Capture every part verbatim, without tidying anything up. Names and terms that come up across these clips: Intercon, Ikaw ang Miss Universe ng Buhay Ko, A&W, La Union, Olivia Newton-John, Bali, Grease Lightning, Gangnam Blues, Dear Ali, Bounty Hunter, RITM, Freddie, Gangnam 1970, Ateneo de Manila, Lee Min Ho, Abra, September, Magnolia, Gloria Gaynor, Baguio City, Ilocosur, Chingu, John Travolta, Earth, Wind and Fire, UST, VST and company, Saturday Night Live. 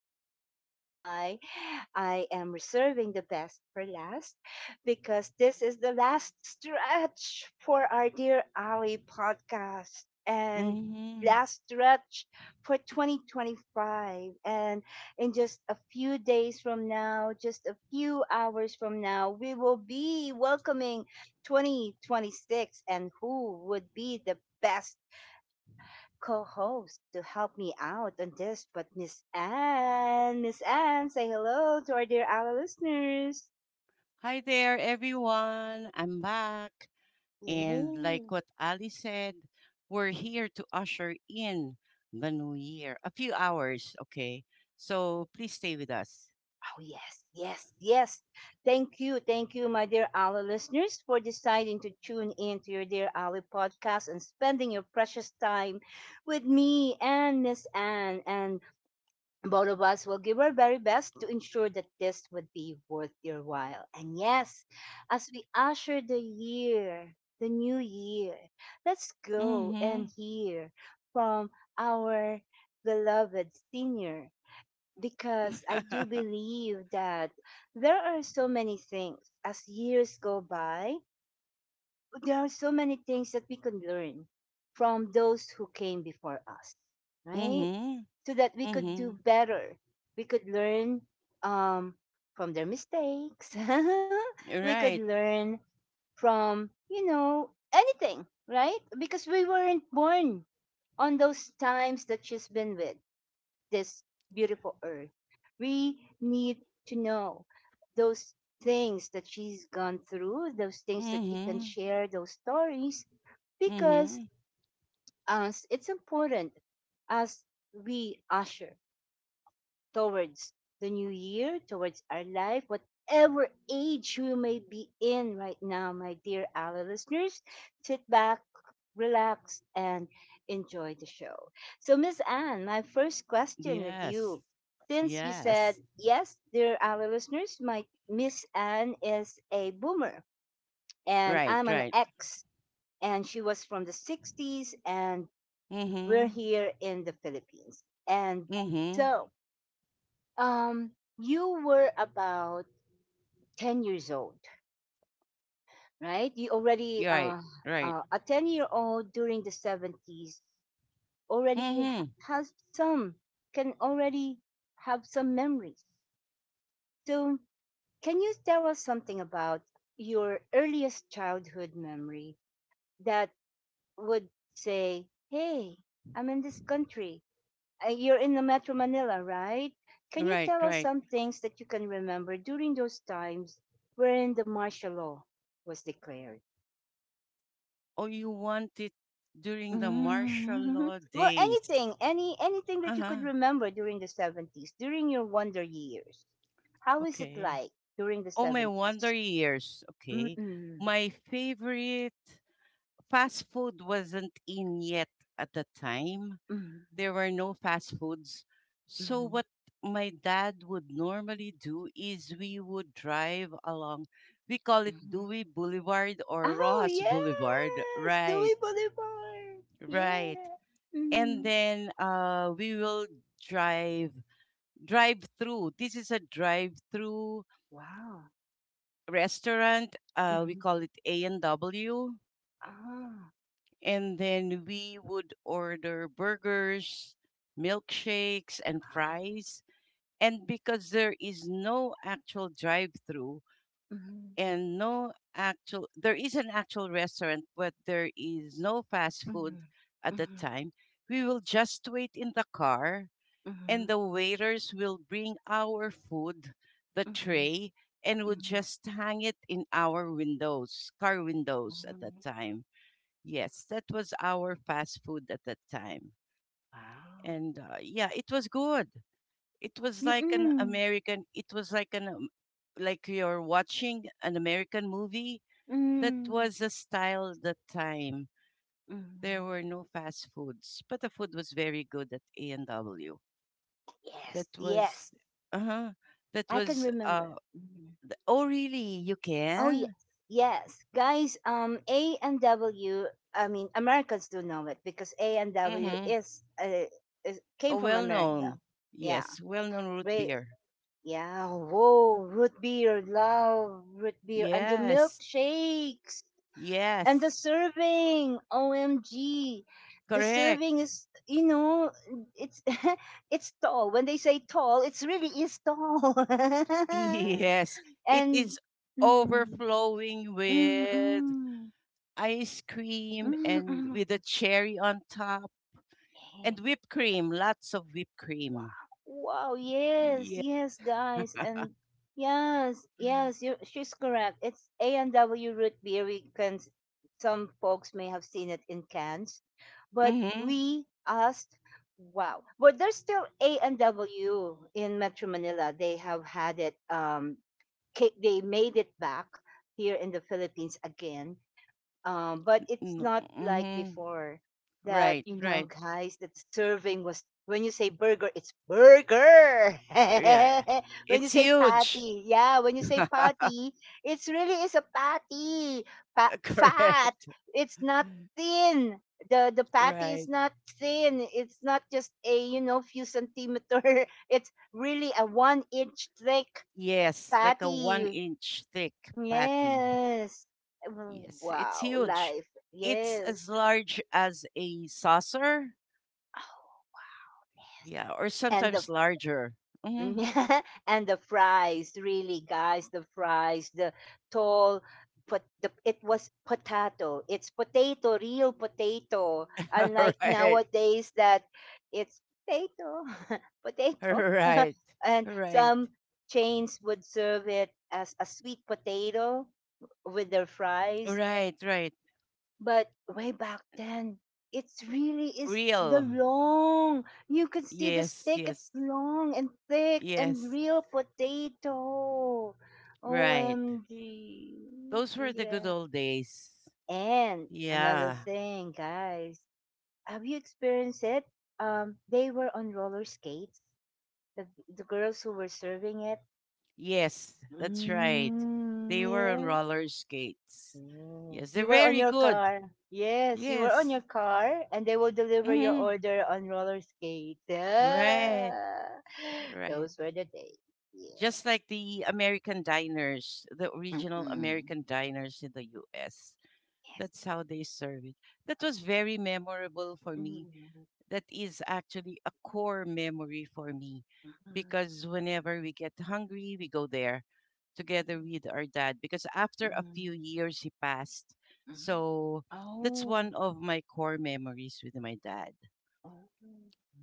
And that is why I am reserving the best for last, because this is the last stretch for our Dear Ali podcast and Mm-hmm. last stretch for twenty twenty-five. And in just a few days from now, just a few hours from now, we will be welcoming twenty twenty-six, and who would be the best co-host to help me out on this but Miss Anne? Miss Anne, say hello to our dear our listeners. Hi there, everyone. I'm back. And like Yeah. what Ali said, we're here to usher in the new year. A few hours, okay? So please stay with us. Oh yes, yes, yes. Thank you, thank you, my dear Ali listeners, for deciding to tune in to your dear Ali podcast and spending your precious time with me and Miss Anne, and both of us will give our very best to ensure that this would be worth your while. And yes, as we usher the year, the new year, let's go and Mm-hmm. hear from our beloved senior, because I do believe that there are so many things, as years go by, there are so many things that we can learn from those who came before us, right? Mm-hmm. So that we could Mm-hmm. do better. We could learn, um, from their mistakes. You're We could right. learn from, you know, anything, right? Because we weren't born on those times that she's been with this beautiful earth. We need to know those things that she's gone through, those things that she can Mm-hmm. share, those stories, because, Mm-hmm. as it's important, as we usher towards the new year, towards our life, whatever age you may be in right now, my dear Ali listeners. Sit back, relax, and enjoy the show. So, Miss Anne, my first question with Yes. you. Since you said, Yes. yes, dear Ali listeners, my Miss Anne is a boomer and Right, I'm an right. ex, and she was from the sixties, and we're Mm-hmm. here in the Philippines. And Mm-hmm. so, um you were about ten years old, right? You already, Right, uh, right. uh a ten year old during the seventies, already ha- Mm-hmm. has some can already have some memories, so can you tell us something about your earliest childhood memory that would say, hey, I'm in this country. Uh, you're in the Metro Manila, right? Can you Right, tell us right. some things that you can remember during those times when the martial law was declared? Oh, you want it during the martial Mm-hmm. law Well, days. anything, any anything that you Uh-huh. could remember during the seventies, during your wonder years. How is it Okay. like during the Oh, my wonder seventies? years. Okay. Mm-mm. My favorite fast food wasn't in yet at the time. Mm-mm. There were no fast foods. So Mm-mm. what my dad would normally do is we would drive along. We call it Mm-mm. Dewey Boulevard or Oh Rojas Boulevard. yes, Dewey Right. Boulevard. Right. Yeah. And Mm. then uh we will drive drive through. This is a drive through Wow. restaurant. Uh, we Mm-hmm. call it A and W, Ah. and then we would order burgers, milkshakes, and fries. And because there is no actual drive through Mhm, and no actual, there is an actual restaurant, but there is no fast food mhm, at that mhm, time. We will just wait in the car and mhm, the waiters will bring our food, the mhm, tray, and would mhm, just hang it in our windows, car windows at that mhm. time. Yes, that was our fast food at that time. Wow. And uh, yeah, it was good. It was like an Mm-mm. American, it was like an, um, like you're watching an American movie. That Mm. was the style that time. There Mhm. were no fast foods, but the food was very good at A and W. That Yes, was, yes, uh huh. That I can was, uh, remember. Mhm. oh, really? You Oh yes, can? yes, guys. Um, A and W. I mean, Americans do know it because A and W Mm-hmm. is, uh, is came Oh, from well America. known. Yeah, Yes, well known root Ray. beer. Yeah. Whoa, root beer, love root beer, and the Yes, milkshakes. And the yes, serving, O M G. The correct. serving is, you know, it's it's tall. When they say tall, it's really is tall. Yes, it And is mm, mm, overflowing mm, mm, with mm. ice cream and Mm. with a cherry on top and Yes. whipped cream, lots of whipped cream. Wow. Wow. Yes, Yeah. yes, guys, and yes, yes, you she's correct. It's A and W root beer. We can some folks may have seen it in cans, but Mm-hmm. we asked, wow. But there's still A and W in Metro Manila. They have had it. Um, ca- they made it back here in the Philippines again, um, but it's No, not like mm-hmm. before that, Right, you know, right. guys, that serving was when you say burger, it's burger. Yeah. When you It's say huge. patty, yeah, when you say patty, it's really is a patty, pa- fat. Correct. It's not thin. The the patty is Right. not thin. It's not just a you know few centimeter. It's really a one inch thick Yes, like a one patty. inch thick patty. Yes. Yes, it's Wow, huge. life. It's Yes. as large as a saucer. Yeah, or And the sometimes larger. Hmm. and the fries, really, guys, the fries, the tall, but the, it was potato. It's potato, real potato. Unlike Right. nowadays that it's potato, potato. Right. And Right. some chains would serve it as a sweet potato with their fries. Right. Right. But way back then, it's really is the Real. long. You can see the Yes. steak. Yes. It's long and thick and Yes. real potato. Right. O M G. Those were the good Yeah. old days. And another Yeah. thing, guys. Have you experienced it? Um, they were on roller skates. The, the girls who were serving it. Yes, that's right. Mm, They were on yeah. roller skates. Yes, Yes, they're you were on very your good. car. Yes, you were on Yes. your car, and they will deliver your Hmm. order on roller skates. Right. Ah, Right. those were the days. Yeah. Just like the American diners, the original Mm-mm. American diners in the U S. Yes. That's how they serve it. That was very memorable for me, Mm-mm. that is actually a core memory for me Mm-mm. because whenever we get hungry, we go there together Mm-mm. with our dad because after a few Mm-mm. years he passed. So that's one Oh. of my core memories with my dad. Oh.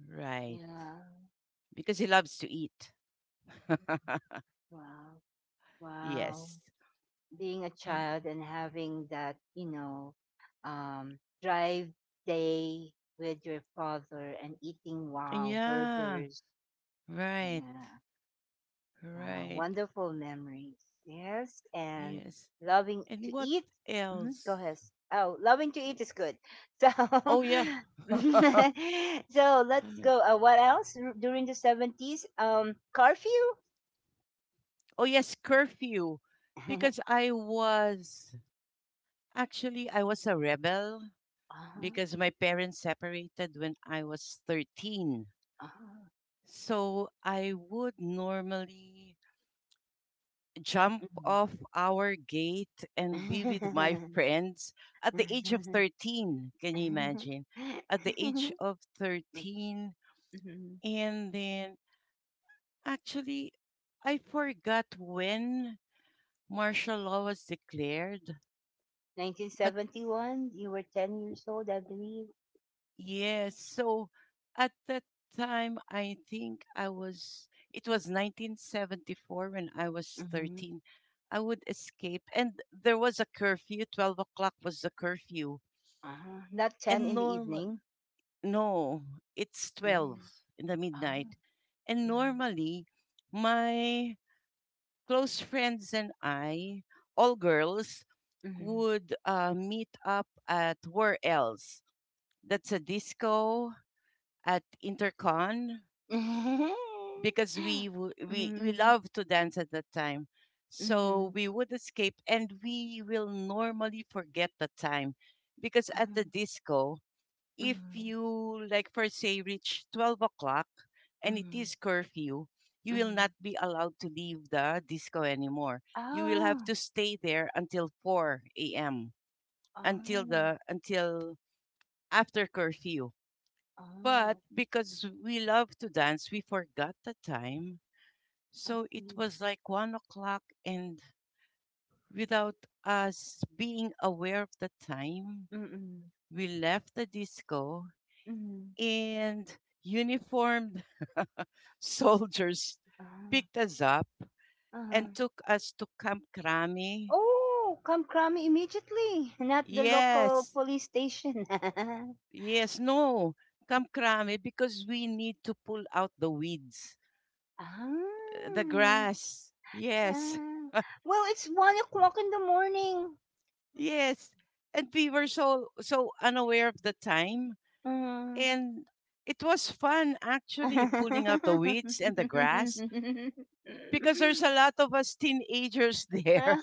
Right. Yeah. Because he loves to eat. Wow. Wow. Yes. Being a He- child and having that, you know, um, drive day with your father and eating wow Yeah. burgers. Yeah, Right. wow, Right. wonderful memories. Yes, and Yes. loving And to what eat. Hmm. Go else? ahead. Oh, loving to eat is good. So, Oh, yeah. so let's go. Uh, what else R- during the seventies? Um, curfew. Oh yes, curfew. Uh-huh, Because I was actually I was a rebel because my parents separated when I was thirteen. uh-huh. So I would normally jump off our gate and be with my Mhm. friends at the age of thirteen. Can you Mhm. imagine? At the age of thirteen, and then actually I forgot when martial law was declared, but. nineteen seventy-one, you were ten years old, I believe. Yes. So at that time, I think I was, it was nineteen seventy-four when I was Hmm. thirteen. I would escape, and there was a curfew. twelve o'clock was the curfew. Uh-huh. Not ten in And the normal, evening. no, it's Mm-hmm. twelve in the Oh. midnight. And normally, my close friends and I, all girls, Mm-hmm. would uh, meet up at where else? That's a disco at Intercon Mm-hmm. because we w- we we Mm-hmm. love to dance at that time. So we would escape and we will normally forget the time because at the disco, if Mm-hmm. you like for say reach twelve o'clock and it Mm-hmm. is curfew, you will not be allowed to leave the disco anymore. You will have Oh. to stay there until four a m, until Oh. the until after curfew. Oh. But because we love to dance, we forgot the time. I So it see. was like one o'clock, and without us being aware of the time, Mm-mm. we left the disco, Mm-mm. and uniformed soldiers picked us up and Uh-huh. took us to Camp Krami. Oh, kamkrami immediately, not the local Yes, police station. yes, no, Camp Krami, because we need to pull out the weeds, uh, the Ah, grass. Yes. ah. Well, it's one o'clock in the morning. Yes. And we were so so unaware of the time. Mm. And it was fun actually pulling out the weeds and the grass because there's a lot of us teenagers there.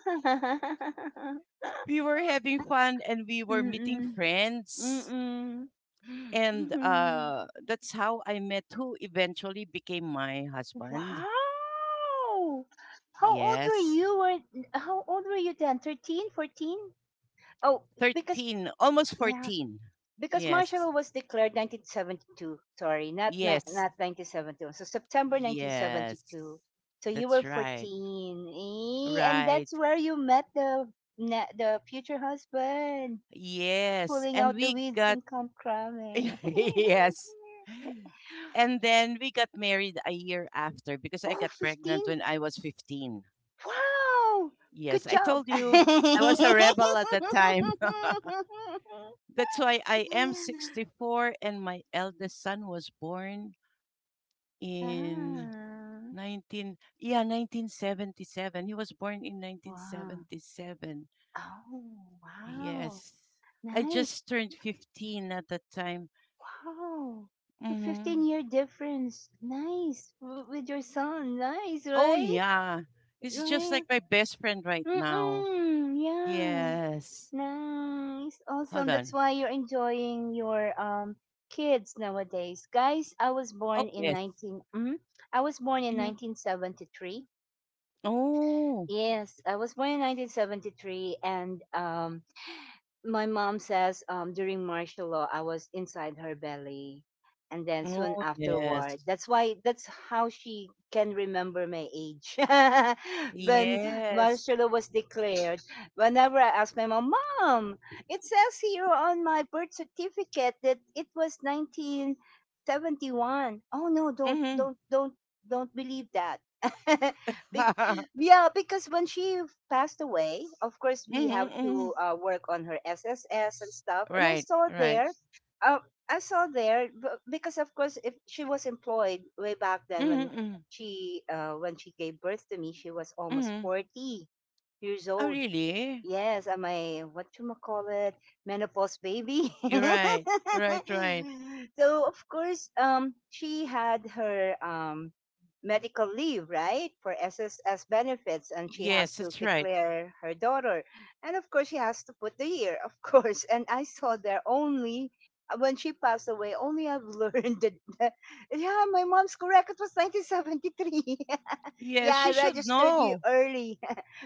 We were having fun and we were meeting Mm-mm. friends. Mm-mm. And uh that's how I met who eventually became my husband. Wow! How old were Yes. you? Were how old were you then? Thirteen, fourteen. Oh, because thirteen, almost yeah, fourteen. because martial Yes. law was declared nineteen seventy-two. Sorry, not ni- Yes. not nineteen seventy-one. So September Yes. nineteen seventy-two. So you That's were right. fourteen, eh, and Right. that's where you met the na- the future husband, Yes, pulling and out the we weeds got in Camp Crame. yes. And then we got married a year after because I Oh, got pregnant when fifteen! I was fifteen. Wow! Yes, Good I job. told you I was a rebel at that time. That's why I am sixty-four and my eldest son was born in Ah, 19 yeah, nineteen seventy-seven. He was born in wow. nineteen seventy-seven. Oh, wow. Yes. I Nice. just turned fifteen at that time. Wow. So 15 Mhm. year difference. Nice. W- with your son. Nice, Oh right? yeah. He's just like Right. my best friend right now. Mm-mm. Yeah. Yes. Nice. Hold Awesome. That's on. why you're enjoying your um kids nowadays. Guys, I was Oh born in yes. 19 mm, I was born in Hmm. nineteen seventy-three. Oh. Yes, I was born in nineteen seventy-three and um my mom says, um, during martial law I was inside her belly, and then soon Oh afterward. yes. That's why that's how she can remember my age. When Yes. martial law was declared, whenever I ask my mom, "Mom, it says here on my birth certificate that it was nineteen seventy-one." Oh no, don't Mm-hmm. don't don't don't believe that. Yeah, because when she passed away, of course we have Mm-hmm. to, uh, work on her S S S and stuff. And I Right. saw Right. there, uh, I saw there b- because, of course, if she was employed way back then, when Mm-hmm, mm-hmm. she uh, when she gave birth to me, she was almost Mm-hmm. forty years Oh old. really? Yes, am I what you call it menopause baby? You're right. Right. Right. So, of course, um, she had her um medical leave, right, for S S S benefits, and she has Yes. to That's right. declare her daughter, and of course she has to put the year, of course. And I saw there only, uh, when she passed away. Only I've learned that, that yeah, my mom's correct. It was nineteen seventy-three. Yes. Yeah, I She should registered you know. early.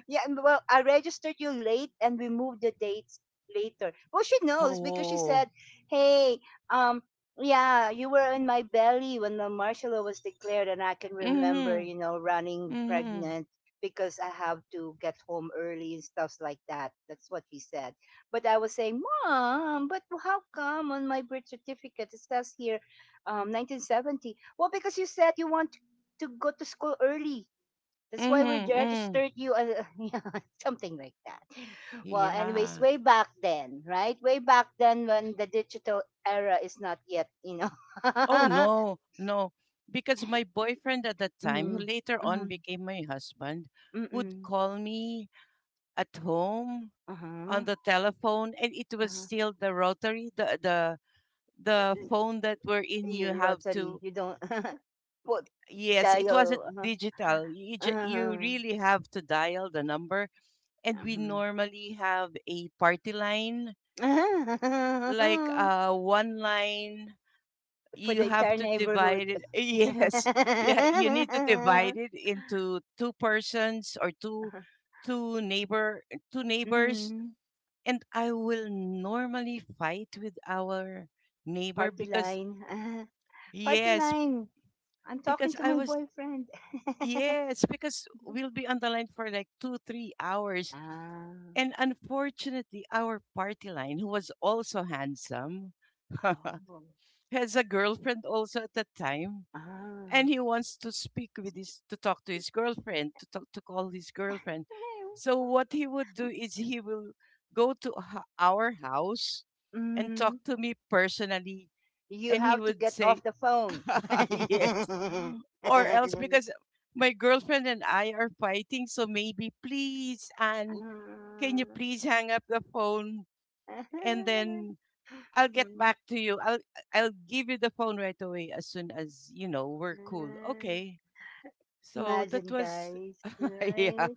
Yeah, and well, I registered you late and we moved the dates later. Well, she knows because she Oh. said, hey, um, yeah, you were in my belly when the martial law was declared, and I can remember, Mm-hmm. you know, running Mm-hmm. pregnant because I have to get home early and stuff like that. That's what she said. But I was saying, Mom, but how come on my birth certificate it says here, um, nineteen seventy? Well, because you said you want to go to school early, that's why we Mm-hmm. Mm. registered you as yeah, something like that. Well, anyways, Yeah. way back then, right? Way back then when the digital era is not yet, you know. Oh no, no. Because my boyfriend at that time, who Mm, later on mm, became my husband, would mm, call me at home uh-huh, on the telephone and it was uh-huh. still the rotary, the the the phone that we're in you You have rotary, to you don't put yes, it wasn't dial. Uh-huh, digital. You ju- you uh-huh, really have to dial the number and we uh-huh. normally have a party line like uh one line For you the have entire to neighborhood. divide it, yes, yeah, you need to divide it into two persons or two two neighbor two neighbors Mhm. and I will normally fight with our neighbor Party because. line. Party Yes. line. I'm talking Because to I my was. boyfriend. Yes, because we'll be on the line for like two three hours, Ah. and unfortunately our party line, who was also handsome, Oh. has a girlfriend also at that time and Ah. he wants to speak with his to talk to his girlfriend to talk to call his girlfriend. So what he would do is he will go to h- our house and talk mm, to me personally, you and he have to would get say, off the phone. yes, or else, because my girlfriend and I are fighting, so maybe please and can you please hang up the phone, and then I'll get back to you, I'll I'll give you the phone right away as soon as, you know, we're cool, okay? So that Imagine, was guys. yeah. Right?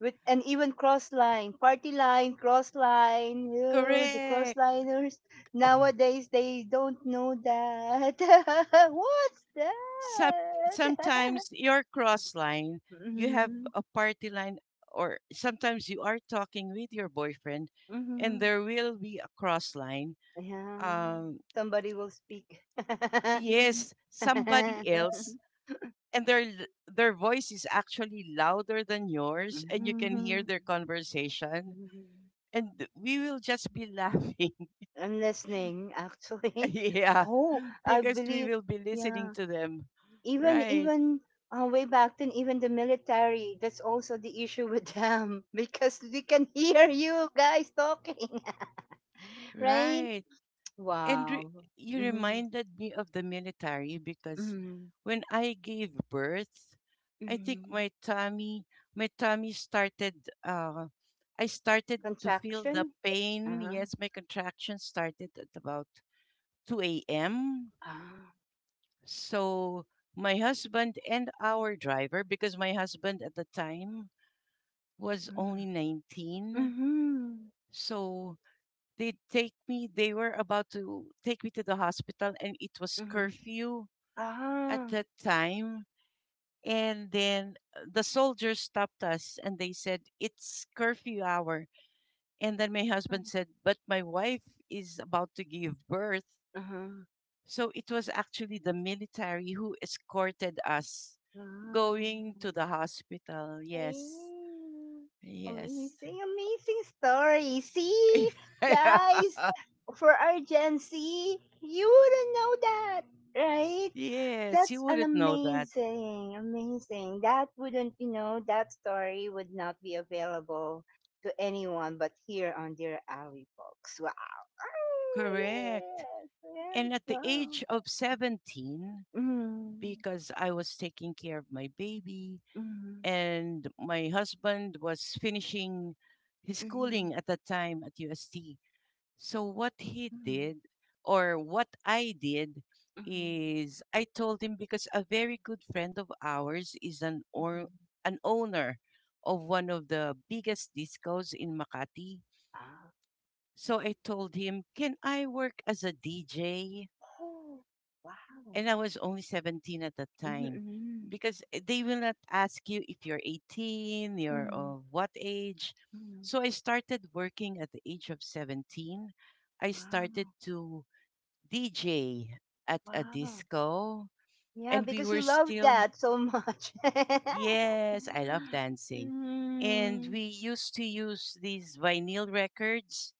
With and even cross line, party line, cross line, ew, the cross Correct. liners. Oh, Nowadays they don't know that. What's Sup that? sometimes your cross line, you have Hmm. a party line, or sometimes you are talking with your boyfriend, and Hmm. there will be a cross line. Yeah. Um, Somebody will speak. yes, somebody else, and their l- their voice is actually louder than yours, and you can hear Mhm. their conversation. And we will just be laughing, I'm listening actually. yeah, Oh, I because we believe, will be listening yeah. to them, even right? even uh, way back then, even the military, that's also the issue with them, because they can hear you guys talking. Right. Right. And re- Wow. you Mm-hmm. reminded me of the military because Mm-hmm. when I gave birth, I think Mm-hmm. my tummy, my tummy started, uh, I started to feel the Contraction. pain. Uh-huh. Yes, my contraction started at about two a m. Ah. So my husband and our driver, because my husband at the time was only Mm. nineteen. Mm-hmm. So they take me they were about to take me to the hospital and it was Mm-hmm. curfew at Ah. that time, and then uh, the soldiers stopped us and they said it's curfew hour, and then my Mm-hmm. husband said but my wife is about to give birth, Uh-huh. so it was actually the military who escorted us Ah. going to the hospital. Yes. Ayun. Yes. Amazing, amazing story. See, guys, for our Gen Z, you wouldn't know that, right? Yes, you That's an wouldn't know that. amazing, amazing. That wouldn't, you know, that story would not be available to anyone but here on Dear Alley, folks. Wow. Oh, Correct. yes, yes, And at the wow. age of seventeen, Mm, because I was taking care of my baby mm, and my husband was finishing his mm, mm, mm. schooling at that time at U S T. So, what he did, or what I did, is I told him because a very good friend of ours is an Hmm. or an owner of one of the biggest discos in Makati. Wow. So I told him, "Can I work as a D J?" Oh, wow. and I was only seventeen at that Mm-hmm, time mm-hmm, because eh, they will not ask you if you're eighteen, you're mm-hmm. of what age. Mm-hmm. So I started working at the age of seventeen. I started Wow, to D J at a wow. disco, Yeah, and we because were you love still. that so much. Yes, I love dancing. And mm, we used to use these vinyl records,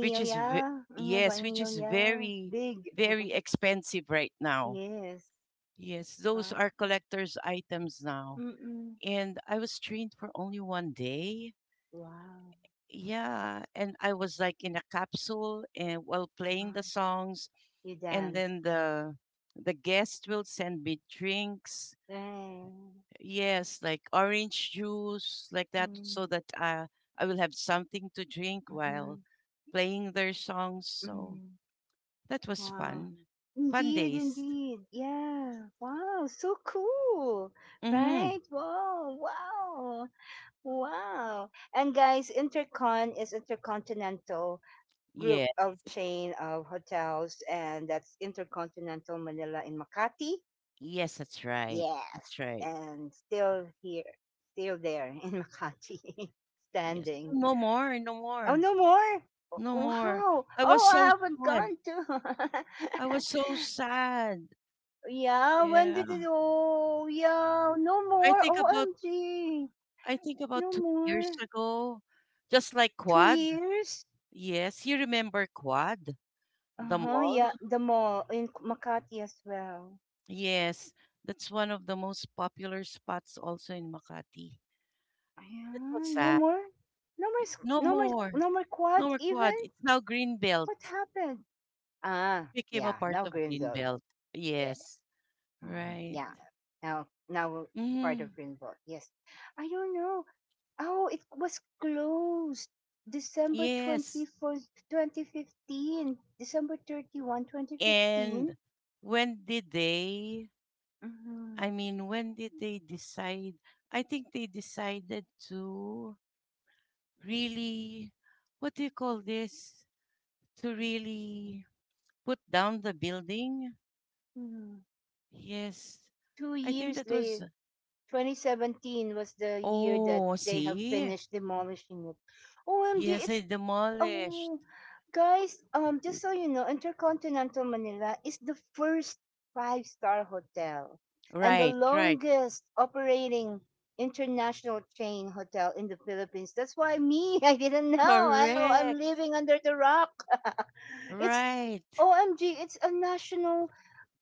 which is ve- Ano ba? yes, which is Vanilla. very Big. very expensive right now. Yes. Yes, those are Wow. collector's items now. Mm-mm. And I was trained for only one day. Wow. Yeah, and I was like in a capsule and while playing the Uh-huh. songs You and dance. then the the guest will send me drinks. Right. Yes, like orange juice like that Mm-hmm. so that uh, I will have something to drink while Mm-hmm. playing their songs. So mm-hmm. that was Wow. fun. Fun Indeed, days. indeed. Yeah. Wow. So cool. Mhm. Right? Wow. Wow. Wow. And guys, Intercon is Intercontinental Yeah. Group of Chain of Hotels, and that's Intercontinental Manila in Makati. Yes, that's right. Yes. That's right. And still here, still there in Makati, Yes. standing. No more, no Oh, more, no more. no more. Wow. I was Oh, so I haven't sad. gone to. I was so sad. Yeah, when Yeah. did it? Oh, yeah, no I more. think about O M G, I think about no two years more. ago, just like Two Quad. years. Yes, you remember Quad, Uh the huh. mall? Yeah, the mall in Makati as well. Yes. That's one of the most popular spots also in Makati. That was Yeah, no sad. more. No more. s- No No more. more. No more quad. No more Quad. Even It's now what Greenbelt. happened? Ah, It became a yeah. part Now of Greenbelt. Greenbelt. Yes. Yes. Mhm. Right. Yeah. Now, now we're part Mm, of Greenbelt. Yes. I don't know. Oh, it was closed yes. December twenty-fourth, twenty fifteen. December thirty-first, twenty fifteen. And when did they, Mm-hmm. I mean, when did they decide? I think they decided to really, what do you call this? To really put down the building? Mm-hmm. Yes. Two I think years that was, later, twenty seventeen was the year that oh, they have see? finished demolishing it. O M G, Yes, I it's demolished. Oh, guys, um, just so you know, Intercontinental Manila is the first five-star hotel and the Right, right. longest operating international chain hotel in the Philippines. That's why me, I didn't know. I, I'm Correct. living under the rock. it's Right. O M G, it's a national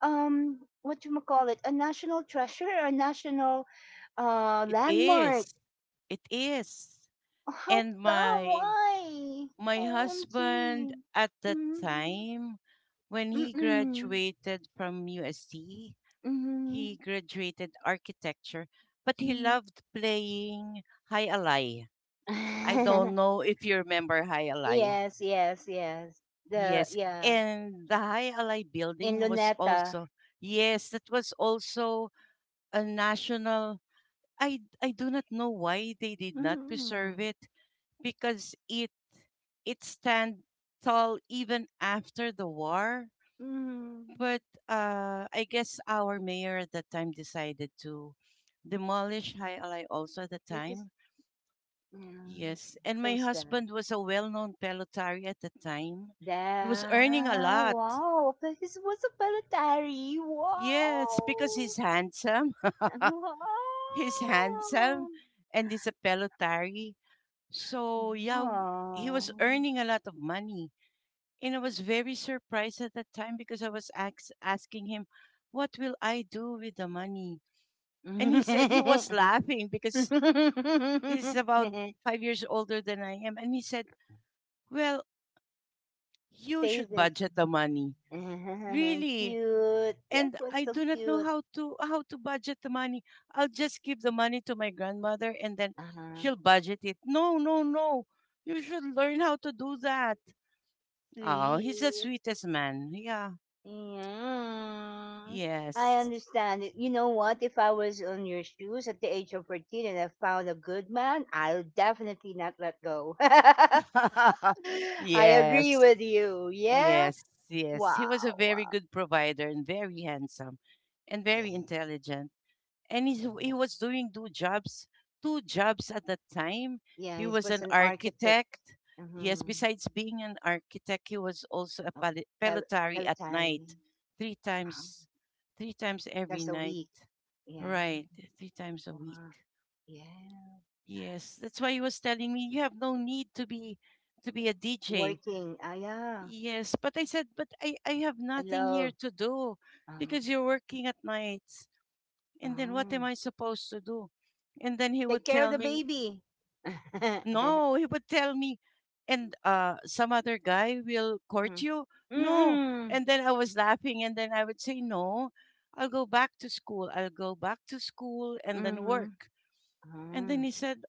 um what you call it? A national treasure, a national uh It landmark. is. It is. How And come? my Why? My husband O M G. at that time, when he Mm-mm. graduated from U S D, Mhm. he graduated architecture, but he Mhm. loved playing High Alai. I don't know if you remember High Alai. yes, yes, yes. The Yes, yeah and the High Alai in building was Luneta. also, yes, that was also a national. I I do not know why they did not preserve Mm-mm. it, because it it stand tall even after the war. Mm. But uh, I guess our mayor at that time decided to demolish High Alai also at the Because time. yeah, Yes, and so my sad. husband was a well-known pelotari at the time. He was earning a That lot. wow, because it was a palatari? Yes, because Wow, he's handsome. wow, He's handsome and he's a pelotari. So yeah, he wow. was earning a lot of money. And I was very surprised at that time because I was ax- asking him, what will I do with the money? And he said he was laughing because he's about five years older than I am. And he said, well, you Save should it, budget the money. Really? cute. That And was I so do not cute. know how to how to budget the money. I'll just give the money to my grandmother and then Uh-huh. she'll budget it. No, no, no. You should learn how to do that. Oh, he's the Sweet. sweetest man. Yeah. Yeah. I Yes. understand it. You know what? If I was on your shoes at the age of fourteen and I found a good man, I'll definitely not let go. I agree Yes, with you. Yeah. yes, yes. He was a Wow. very wow. good provider and very handsome and very Yeah. intelligent. And he's, Yeah. he was doing two jobs, two jobs at the time. Yeah, He He was was an an architect. architect. Yes, Mm-hmm. besides being an architect, he was also a Oh, pal- Pel- pelotary at Pelotari. night, three Wow. times, three times That's every a night. week. Yeah. Right, three times a week. Wow. Yeah. Yes, that's why he was telling me you have no need to be to be a D J. Working. Ah, yeah. Yes, but I said, but I, I have I nothing here love. to do Uh, because you're working at nights. And then what ah. am I supposed to do? And then he Take would care of the tell me, baby. mm-hmm. no, he would tell me, and uh, some other guy will court you. No. Mm-mm. And then I was laughing, and then I would say, no, I'll go back to school. I'll go back to school and then Mm-hmm. work. And Ah. then he said,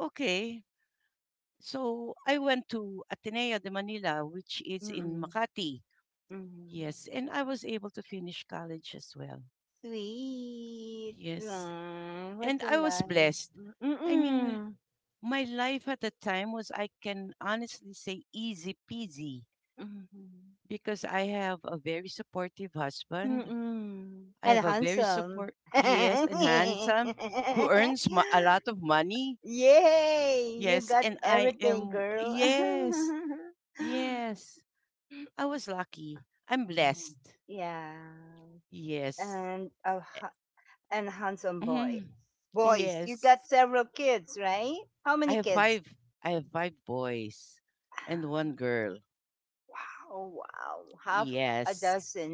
okay. So I went to Ateneo de Manila, which is in Mm-mm. Makati. Mm-hmm. Yes, and I was able to finish college as well. Sweet. Yes, Right. What and a I was life. blessed. Mm, I mean, Mm-mm. my life at the time was, I can honestly say, easy peasy Mm-hmm. because I have a very supportive husband. Mm-mm. I And have a very handsome. support, Yes, and handsome, who earns mo- a lot of money. Yay! You Yes, got and I everything, am, girl. yes, yes. I was lucky. I'm Yeah. blessed. Yeah. Yes. And a ha- and handsome Hmm. boy. Boys, you got Yes. several kids, right? How I many have kids? five. I have five boys and one girl. Wow, wow. Half a Yes. dozen.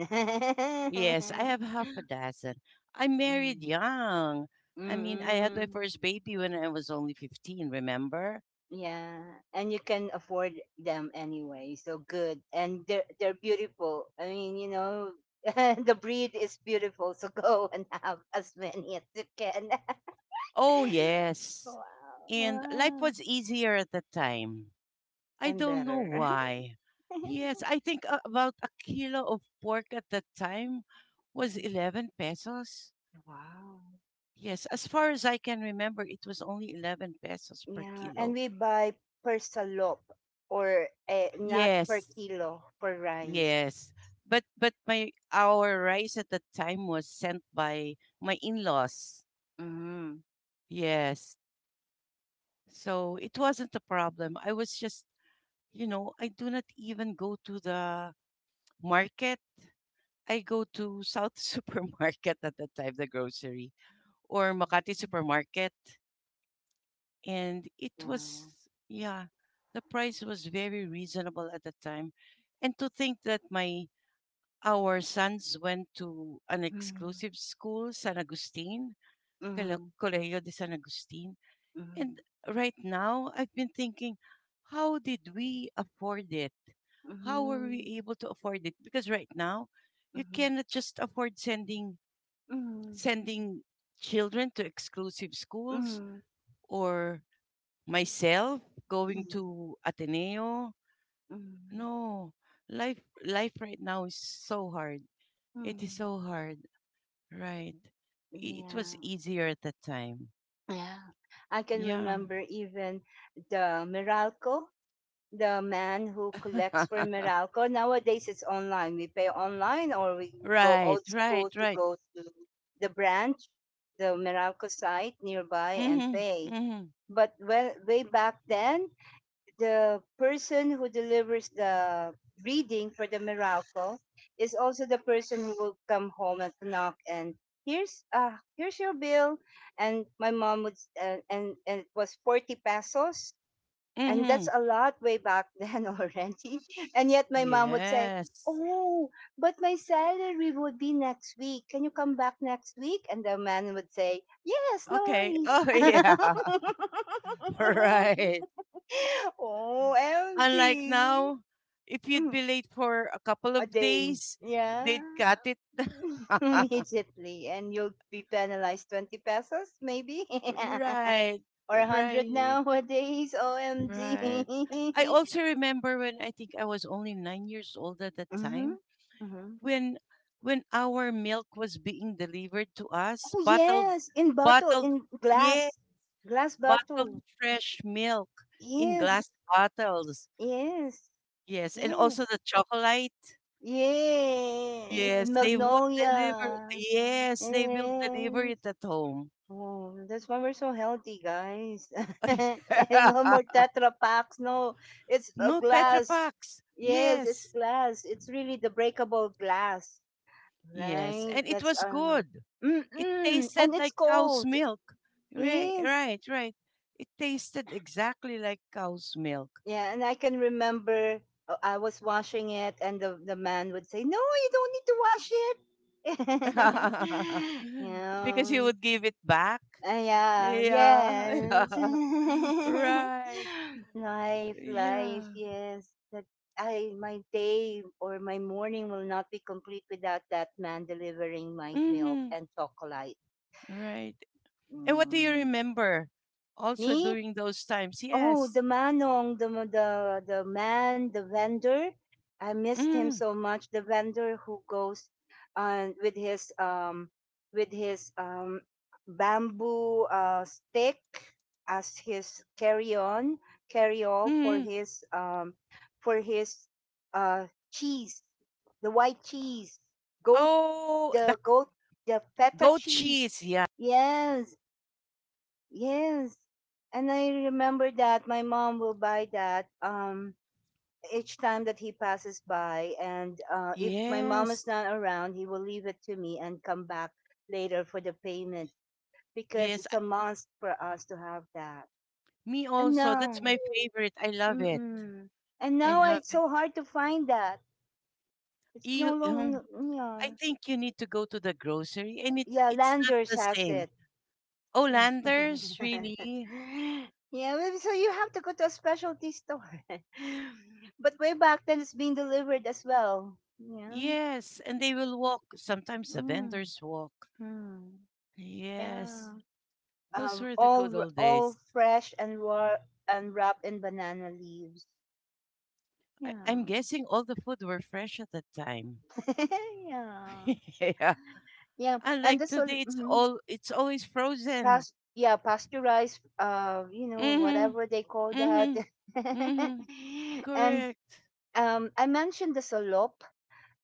Yes, I have half a dozen. I married Mm. young. I mean, I had my Mm-mm. first baby when I was only fifteen, remember? Yeah. And you can afford them anyway. So good. And they're they're beautiful. I mean, you know, the breed is beautiful. So go and have as many as you can. Oh, yes. Wow. And life Wow. was easier at that time. I and don't know better. why. Yes, I think a- about a kilo of pork at that time was Mhm. eleven pesos. Wow. Yes, as far as I can remember, it was only eleven pesos per yeah, and kilo. we buy per salop or eh, not per Yes, kilo per rice. yes. But but my our rice at the time was sent by my in-laws. Mm-hmm. Yes. So it wasn't a problem. I was just, you know, I do not even go to the market. I go to South Supermarket at the time, the grocery, or Makati Supermarket. And it was, Wow. yeah, the price was very reasonable at the time. And to think that my Our sons went to an Mm-hmm. exclusive school, San Agustin, Colo- Mm-hmm. Colegio de San Agustin. And right now, I've been thinking, how did we afford it? How were we Mhm. able to afford it? Because right now, you Mm-hmm. cannot just afford sending Mm-hmm. sending children to exclusive schools, Mm-hmm. or myself going to Ateneo. Mm-hmm. No, life life right now is so hard. It is Mm-hmm. so hard. Right. I- It Yeah. was easier at the time. Yeah. I can Yeah. remember even the Meralco. The man who collects for Meralco. Nowadays, it's online. We pay online, or we go Right, old school right, to right. go to the branch, the Meralco site nearby, and Mhm. pay. Mhm. But well, way back then, the person who delivers the reading for the Meralco is also the person who will come home and knock and here's uh here's your bill and my mom would s- and and, and it was forty pesos and that's Mhm. a lot way back then already. And yet my mom would say, Yes. Oh, but my salary would be next week. Can you come back next week? And the man would say, Yes, no Okay. worries. Oh, yeah. Right. oh, Unlike M G. now, if you'd be late for a couple A of day. days, Yeah. they'd cut it. Immediately. And you'll be penalized twenty pesos, maybe? Right. or one hundred Right. nowadays. Right. O M G. I also remember when I think I was only nine years old at that Mm-hmm. time, Mm-hmm. when when our milk was being delivered to us, Oh bottled yes, in bottle, bottled in yeah, glass, glass bottled bottle. fresh milk in Yes, glass bottles. yes, Yes, and also yes, the chocolate. yes. Yes, they would deliver. Magnolia. Yes, they will deliver Yes. it at home. Oh, that's why we're so healthy, guys. and no more Tetra packs. No, it's a No tetra glass. packs. Yes, Yes. it's glass. It's really the breakable glass, Yes, right? and it That's was uh, good. It mm-mm. tasted and it's like cow's cold. milk. Right, Yes, right, right. It tasted exactly like cow's milk. Yeah, and I can remember uh, I was washing it, and the the man would say, "No, you don't need to wash it." you Because you know, would give it back. Uh, yeah, Yeah, yes, yeah. Right. life, life, Yeah. yes. That I my day or my morning will not be complete without that man delivering my milk Hmm. and chocolate. Right. And what do you Mm. remember also Me, during those times? Oh, Yes. the manong, the the the man, the vendor. I missed him Mm-hmm. so much. The vendor who goes uh, with his um with his um bamboo uh, stick as his carry on carry all for Hmm. his um for his uh cheese, the white cheese, goat Oh, the the goat the feta goat cheese. cheese. Yeah. Yes, Yes. And I remember that my mom will buy that um each time that he passes by and uh if my mom Yes. is not around, he will leave it to me and come back later for the payment because Yes. it's I- a must for us to have that. Me And also. now, That's my favorite. I love it. mm-mm. And I now love it's it. so hard to find that. It's no You, you know, longer I yeah. think you need to go to the grocery and it's Yeah, it's not Landers the has same. it. Oh, lanterns, really? yeah, maybe so you have to go to a specialty store. but way back then, it's being delivered as well. Yeah. Yes, and they will walk. Sometimes the Mm. vendors walk. Mm. Yes, Yeah. those Um, were the good all r- old all days. fresh and raw and wrapped in banana leaves. I, Yeah. I'm guessing all the food were fresh at the time. yeah. Yeah, Yeah. And unlike the today, sol- it's mhm. all it's always frozen. Pas- yeah, pasteurized uh, you know, whatever Mm-hmm. they call that. Mm-hmm. Mm-hmm. and Correct. um I mentioned the salop.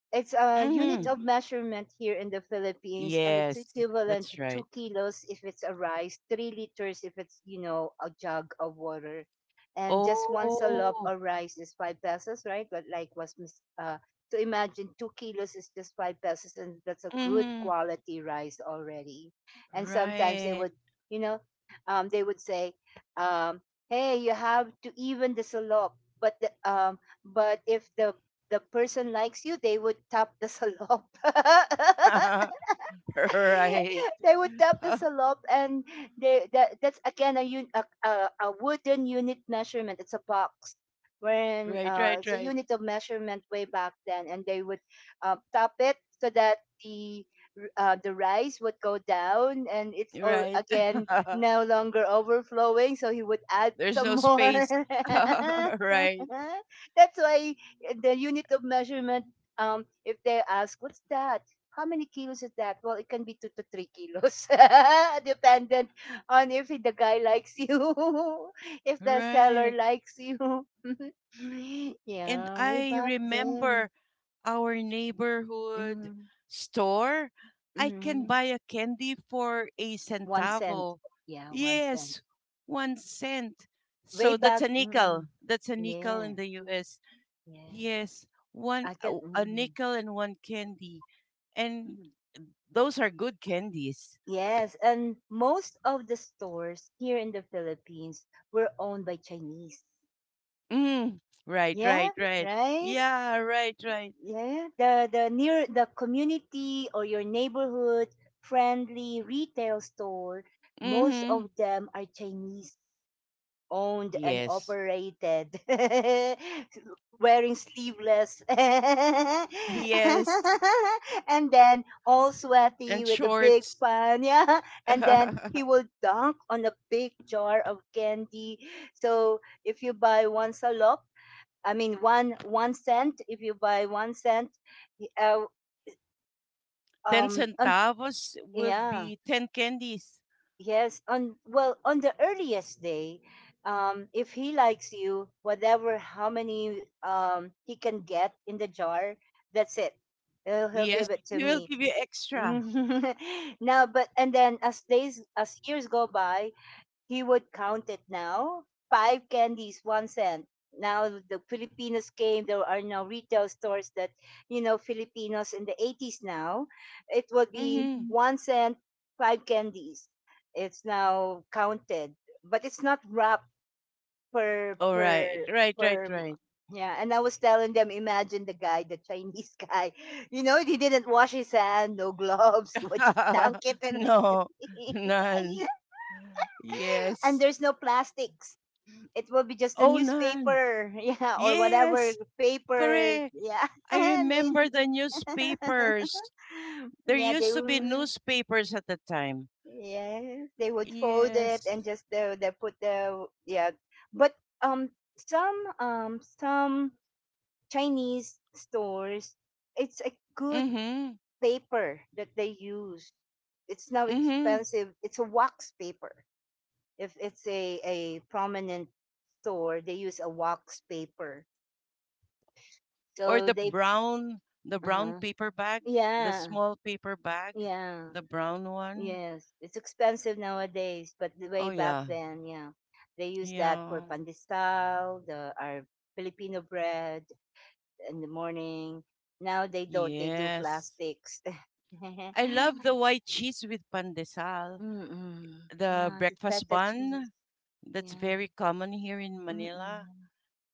It's a Mm-hmm. unit Mm-hmm. of measurement here in the Philippines, and it's Yes, equivalent that's to two right. kilos if it's a rice, three liters if it's, you know, a jug of water. And just one salop Oh. of rice is five pesos, right? But like was mis- uh, so imagine two kilos is just five pesos, and that's a good Mm-hmm. quality rice already. And sometimes they Right. would, you know, um, they would say, um, "Hey, you have to even the salop." But the, um, but if the the person likes you, they would tap the salop. Right. they would tap the salop and they that, that's again a, un, a, a a wooden unit measurement it's a box when Right. uh, Right. it's a Right. unit of measurement way back then and they would uh, tap it so that the uh, the rice would go down and it's all Right. again no longer overflowing so he would add There's some no more. space. Right. That's why the unit of measurement, um if they ask what's that, how many kilos is that? Well, it can be two to three kilos, dependent on if the guy likes you, if the seller Right. likes you. And Yeah, way I back then. remember our neighborhood Mm store. I can mm buy a candy for a One cent. centavo. Yeah, one cent. Yes, one cent. Way So that's back. a Mm nickel. That's a nickel Yeah, in the U S. yeah. Yes, one, I can. a a Mm nickel and one candy. And mm those are good candies. Yes, and most of the stores here in the Philippines were owned by Chinese. Mm, right, Yeah, right, right. right? Yeah, right, right. Yeah, the the near the community or your neighborhood friendly retail store, most Mm-hmm. of them are Chinese owned and Yes. operated. Wearing sleeveless. and Yes. then all sweaty And with a big shorts. fan, yeah. ten And then he will dunk on a big jar of candy. So if you buy one salop, I mean, one one cent. If you buy one cent, uh, um, on, centavos will yeah, be ten candies. yes, on well, on the earliest day, um, if he likes you, whatever how many um he can get in the jar, that's it. He'll, he'll Yes. give it to He will me. give you extra. Now, but and then as days as years go by, He would count it now. Five candies, one cent. Now the Filipinos came. There are now retail stores that, you know, Filipinos in the eighties now, it would Mm-hmm. be Mhm. one cent, five candies. It's now counted, but it's not wrapped per per Right. Right, right, per. right. Yeah, and I was telling them, imagine the guy, the Chinese guy. You know, he didn't wash his hand, no gloves, he was just dunk it and No. None. and Yes. there's no plastics. It will be just the Oh, none. newspaper, yeah, or whatever Yes. paper, Correct. yeah. I and then, remember the newspapers. There yeah, they used to be will, newspapers at the time. yes, they would fold it Yes. and just uh, they put the yeah. But um, some um some Chinese stores, it's a good Mm-hmm. paper that they use. It's now Mm-hmm. expensive. It's a wax paper if it's a, a prominent store, they use a wax paper. Or So the they, brown the brown uh paper bag, the yeah, small paper bag, yeah, the brown one. yes. It's expensive nowadays, but the way Oh back yeah. then, yeah, they used that for Yeah. pandesal, the our Filipino bread in the morning. Now they don't. They do Yes. plastics. I love the white cheese with pandesal, Mm-mm. the Yeah, the breakfast feta cheese. bun that's Yeah. very common here in Manila. Mm-mm.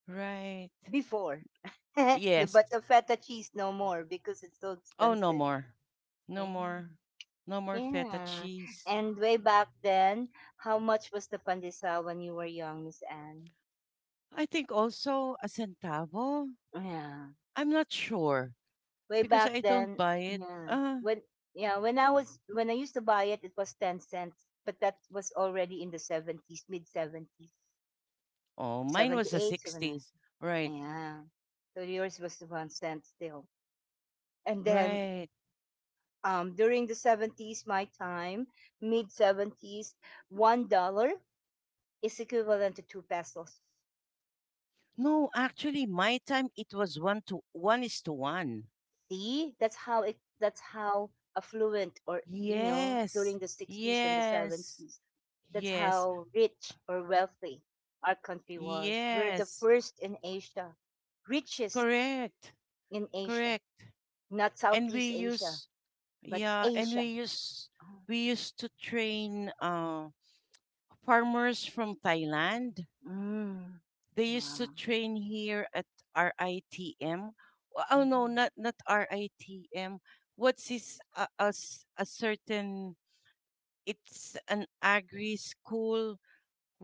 Right. Before. The- Yes. but the feta cheese no more because it's so Oh, no expensive. more. No Yeah. more. No more feta Yeah. cheese. And way back then, how much was the pandesal when you were young, Miss Anne? I think also a centavo. Yeah. I'm not sure Way because I back don't then, buy it. yeah. Uh, When yeah, when I was when I used to buy it, it was ten cents, but that was already in the seventies, mid seventies, Oh, mine was seventy the eight, seven. sixties. Right, Yeah. So yours was one cent still. And then right. um, during the seventies, my time, mid seventies, one dollar is equivalent to two pesos. No, actually, my time it was one to one is to one. See, that's how it. That's how affluent, or you know, during Yes, the sixties and the yes, seventies, that's yes, how rich or wealthy our country was. We're the yes. first in Asia, richest Correct, in Asia, correct. not And Southeast we Asia, use, but yeah, and Asia. we use, Ah, we used to train uh, farmers from Thailand. Mm. They used Wow. to train here at R I T M. Wh- Oh no, Mhm. not not R I T M. What's this? Uh, a s- a certain. It's an agri school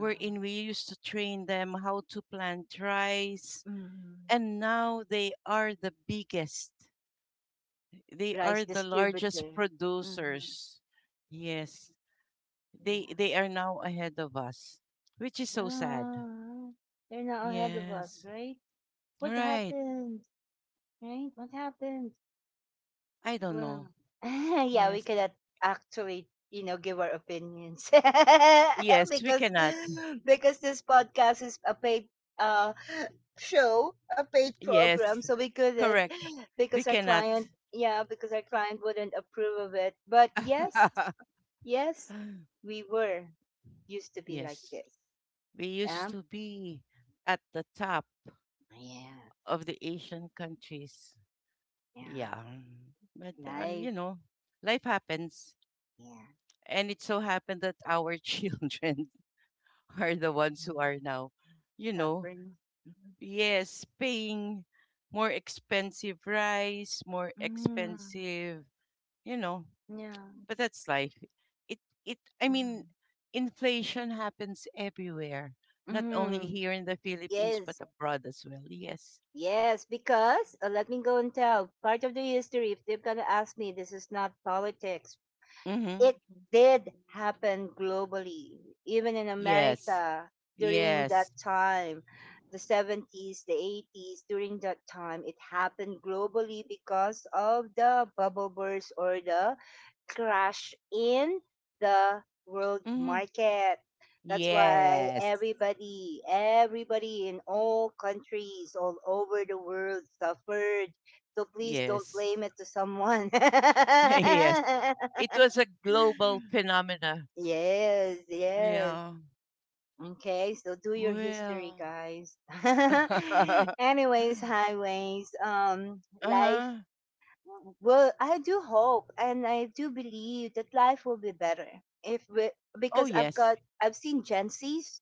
Wow. we used to train them how to plant rice, Mhm. and now they are the biggest. They rice are the largest distributor. Mm-hmm. producers. Yes, they Yeah. they are now ahead of us, which is so sad. Ah, they're now ahead of us, Yes. right? What Right. happened? Right? What happened? I don't Well, know. yeah, we Yes. cannot actually, you know, give our opinions Yes, we because cannot. because this podcast is a paid uh show, a paid program, Yes, so we couldn't correct. We because our cannot. client, yeah, because our client wouldn't approve of it. But yes, yes, we were. Used to be like Yes, this. we used Um, to be at the top yeah, of the Asian countries. yeah. Yeah, but uh, Life, you know, life happens, yeah. and it so happened that our children are the ones who Mhm. are now, you know, Suffering. Mm-hmm. yes, paying more expensive rice, more Mm-hmm, expensive, you know, yeah. But that's life. It it I Mm-hmm. mean, inflation happens everywhere, not only Mm. here in the Philippines but Yes, abroad as well. Yes. yes, because uh, let me go and tell part of the history. If they're going to ask me, this is not politics, Mhm. it did happen globally, even in Yes. America during that Yes. time, the seventies, the eighties, during that time, it happened globally because of the bubble burst or the crash in the world Mhm. market. That's why Yes. everybody, everybody in all countries all over the world suffered. So please don't Yes. blame it to someone. Yes. It was a global phenomena. Yes, yes. Yeah. Okay, so do your history, Well. guys. Anyways, highways. Um, life, Uh-huh. well, I do hope and I do believe that life will be better if we, Oh because I've yes. got I've seen Gen Zs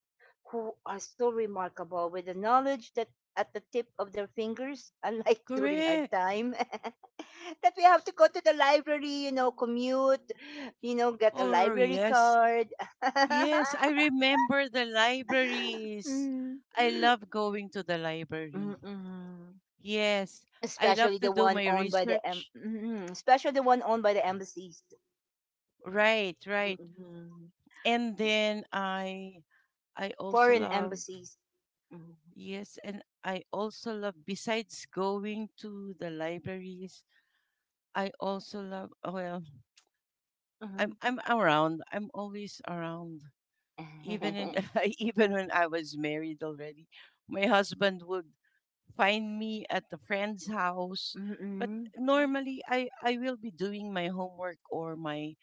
who are so remarkable with the knowledge that at the tip of their fingers, unlike during our Correct. time, that we have to go to the library, you know, commute, you know, get a Or library yes. card. Yes, I remember the libraries. Mm. I love going to the library. Mm-mm. Yes, I Especially love to the do one my owned by the em- research. mm, especially the one owned by the embassies. Right, right. Mm-mm. And then I I also Foreign love, embassies. Mm-mm. yes, and I also love, besides going to the libraries, I also love, oh, well, I'm I'm around. I'm always around. Even in Even when I was married already, my husband would find me at a friend's house. Mm-mm. But Mm-mm. normally I I will be doing my homework or my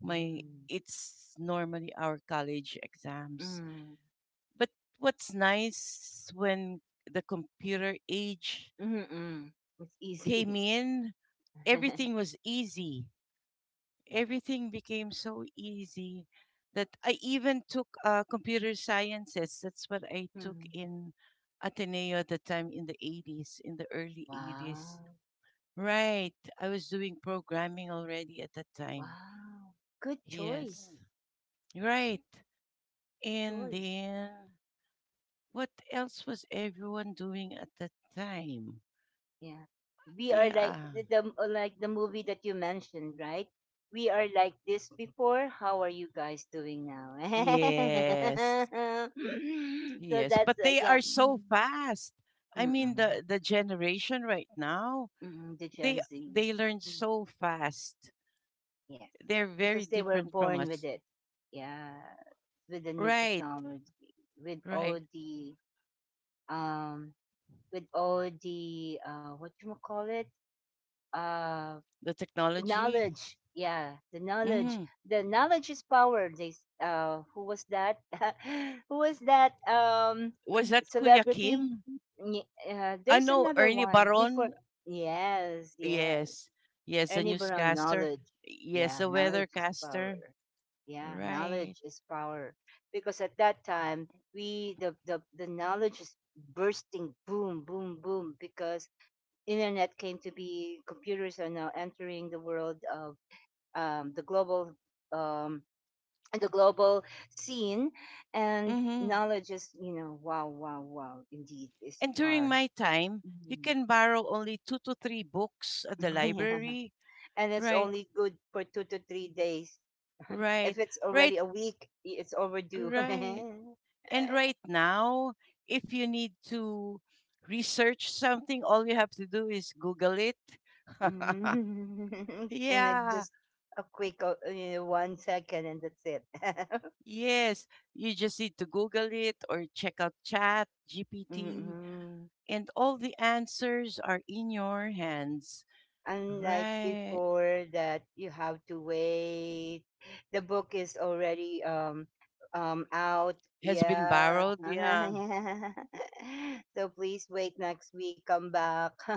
my Mm-mm. it's normally our college exams. Mm-mm. But what's nice, when the computer age Mm-mm. It's came easy. in, everything was easy. Yeah. Everything became so easy that I even took uh, computer sciences. That's what I took Mm. in Ateneo at the time, in the eighties, in the early eighties. Wow. Right. I was doing programming already at that time. Wow. Good choice. Yes. Right. Good And choice. then what else was everyone doing at that time? Yeah. We are like Yeah. the, the like the movie that you mentioned, right? We are like this before. How are you guys doing now? Yes. So Yes. that's But uh, they yeah. are so fast. I mean, Mm-mm. the the generation right now, Mm, the Gen they Z. they learn Mm, so fast. yes. They're Because very they were different from born with us. it. Yeah. With the new Right. technology. With all Right. the um with all the uh what you call it? Uh The technology. knowledge. Yeah, the knowledge. hmm The knowledge is power. They s- uh who was that? Who was that um Was that Kuya celebrity? Kim? Ye- Uh, I There's know another Ernie one before. Baron. Yes, yes. Yes. Yes, the And even on newscaster. knowledge, Yes, yeah, the knowledge is power. weathercaster. Yeah, Right. knowledge is power. Because at that time, we the the, the knowledge is bursting, boom, boom, boom. Because internet came to be, computers are now entering the world of um, the global um, the global scene, and Mm-hmm. knowledge is, you know, wow, wow, wow, indeed is And during power. my time, you Mhm. can borrow only two to three books at the Yeah. library. And it's Right, only good for two to three days. right, If it's right, already a week, i- it's overdue. right. And right now, if you need to research something, all you have to do is Google it. In like Yeah, just a quick uh, you know, one second, and that's it. yes. You just need to Google it or check out Chat, G P T, Mm. and all the answers are in your hands. Unlike Right. before, that you have to wait. The book is already um um out. Has been Yeah. borrowed. Yeah. So please wait next week. Come back.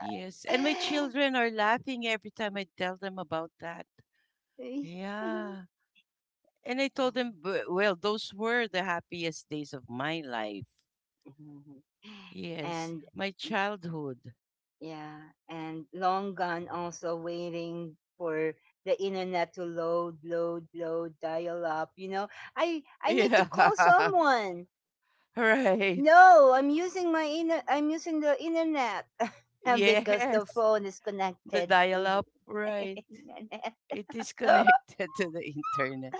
Yes. And my children are laughing every time I tell them about that. Yeah. And I told them, "B- well, those were the happiest days of my life. Yes. And My childhood. yeah, and long gone also waiting for the internet to load, load, load, dial up. You know, I I need to Yeah." call someone. right. No, I'm using my inner. I'm using the internet and because Yes. the phone is The connected dial to up. the Right. internet. It is connected to the internet.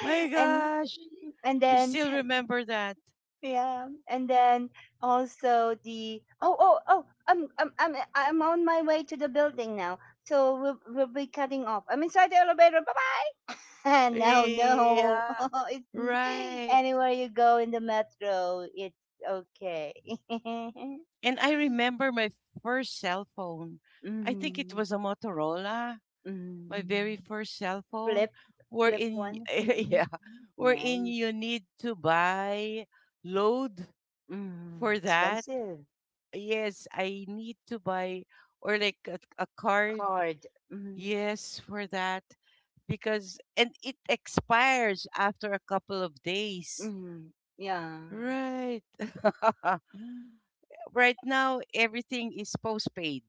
My and gosh. and You then, still remember that? yeah, and then also the oh oh oh I'm I'm I'm I'm on my way to the building now, so we'll we'll be cutting off. I'm inside the elevator. Bye bye. No, no, Yeah, it's n- right. anywhere you go in the metro, it's okay. And I remember my first cell phone. I think it Mm, was a Motorola, my mm. very first cell phone, Flip flip wherein one. Mm, yeah, wherein nice. you need to buy load Mm, for that. expensive Yes, I need to buy or like a, a card. card. Mm, Yes, for that because and it expires after a couple of days. mm, yeah. Right. right now everything is postpaid.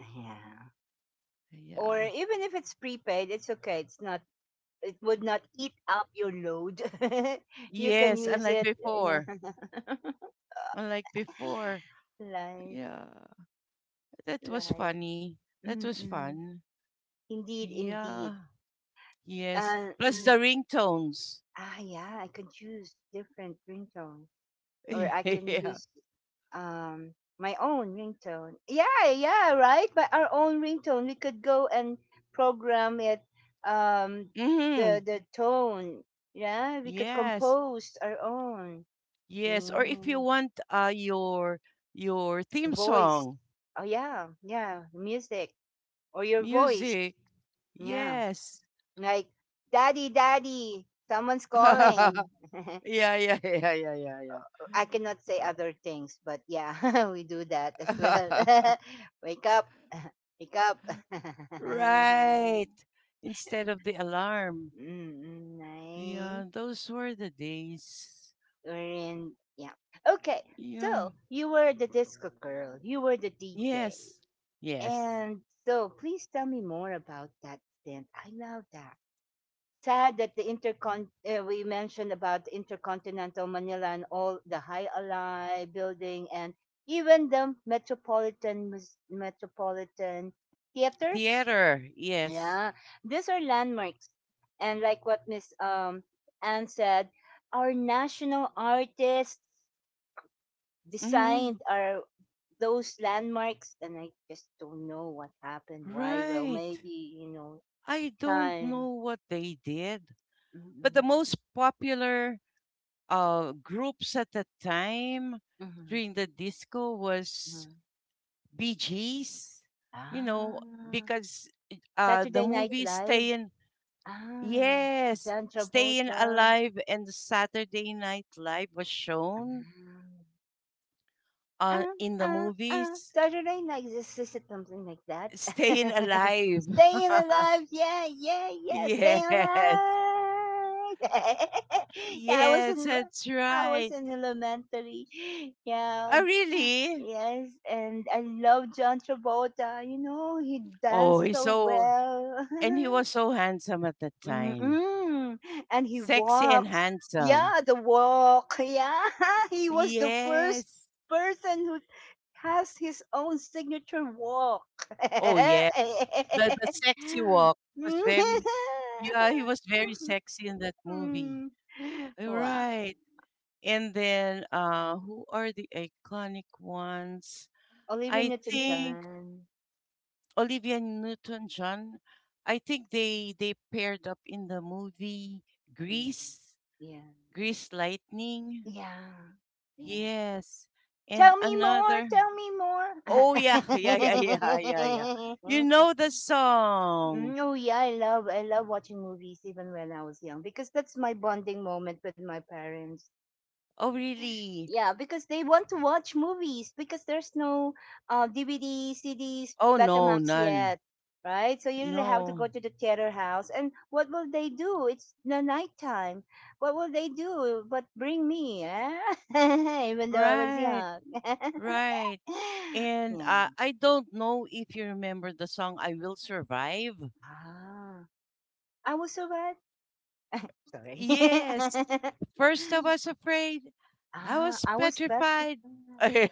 Yeah. Or Yeah. even if it's prepaid, it's okay. It's not. It would not eat up your load. You can Yes, use unlike it. Yeah. before. Unlike before. Life, Yeah. That was life. funny. That was Mm-mm. fun. Indeed, indeed. Yeah. Yes. Uh, Plus the mhm. ringtones. Ah, yeah. I could choose different ringtone. Or I can yeah. use um my own ringtone. Yeah, yeah, right. But our own ringtone, we could go and program it. Um, Mm-hmm. the the tone. Yeah, we could Yes. compose our own. Yes. Or if you Mm, want uh your your theme voice. song, Oh yeah, yeah, music or your voice. music. Yeah, Yes. like daddy, daddy, someone's calling. yeah, yeah, yeah, yeah, yeah, I cannot say other things, but yeah, we do that as yeah. well. Wake up, wake up. Right. Instead of the alarm. Mm, mm, nice. Yeah, those were the days. Orange. Yeah. Okay. Yeah. So you were the disco girl. You were the D J. Yes. Yes. And so please tell me more about that stint. I love that. Sad that the intercon, uh, we mentioned about the intercontinental Manila and all the high ally building, and even the metropolitan Mus- metropolitan theater, Theater. Yes. yeah, these are landmarks. And like what Miss um Anne said, our national artists Mm-hmm. designed our those landmarks. And I just don't know what happened. Why? Well, Right. maybe, you know, I don't know time. what they did, but Mm-hmm. the most popular uh groups at the time Mm-hmm. during the disco was Bee Gees. You know, Ah, because uh the Saturday Night movie Live? Stay in. Ah, Yes, John Staying Travolta. Alive and the Saturday Night Live was shown Ah, on in the ah, ah, ah. movies. Saturday Night, is this, is something like that? Staying Alive. Staying alive, yeah, yeah, yeah, staying Yes. alive. Yeah, I was Yes, in, that's I was right. in elementary. Yeah, Oh, really? yes, and I love John Travolta. You know, he Oh, danced he's so so, well. and he was so handsome at the time. Mm-mm. And he Sexy and walks. handsome. Yeah, the walk. Yeah, he was the first Yes. person who has his own signature walk. Oh, yeah. The, the sexy walk was very, yeah, he was very sexy in that movie. Wow. Right. And then uh, who are the iconic ones? Olivia I think Newton-John. Olivia Newton-John. I think they they paired up in the movie Yeah. Grease, Yeah. Grease Lightning. Yeah. Yeah. Yes. And Tell me more. another. Tell me Oh yeah, yeah, yeah, yeah, yeah, yeah. more. You know the song. Mm, oh yeah, I love I love watching movies even when I was young because that's my bonding moment with my parents. Oh really? Yeah, because they want to watch movies because there's no uh, D V D, C Ds, Oh no, Betamax none. yet, right? So you really have to go No. to the theater house. And what will they do? It's the nighttime. What will they do but bring me? Eh? Even though I was Right, young. right. And Yeah. uh, I don't know if you remember the song I Will Survive. Ah, I was so bad. Sorry. Yes. First I was afraid. I Ah, was I was petrified. petrified.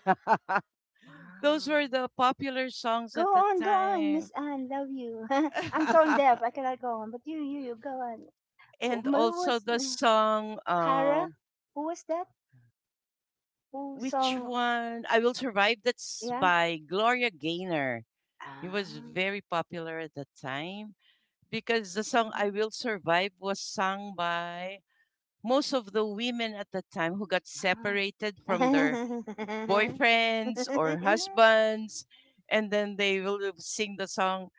Those Wow. were the popular songs at Go the on, go on, Miss time. Anne. Love you. I'm tone deaf. I cannot go on. But you, you, you, go on. Who, and who also was the uh, song uh, Cara? Who was that? Who which song? one? I Will Survive, that's Yeah. by Gloria Gaynor. It was Ah. very popular at the time because the song I Will Survive was sung by most of the women at the time who got Ah, separated from their ah. boyfriends or husbands, and then they will sing the song.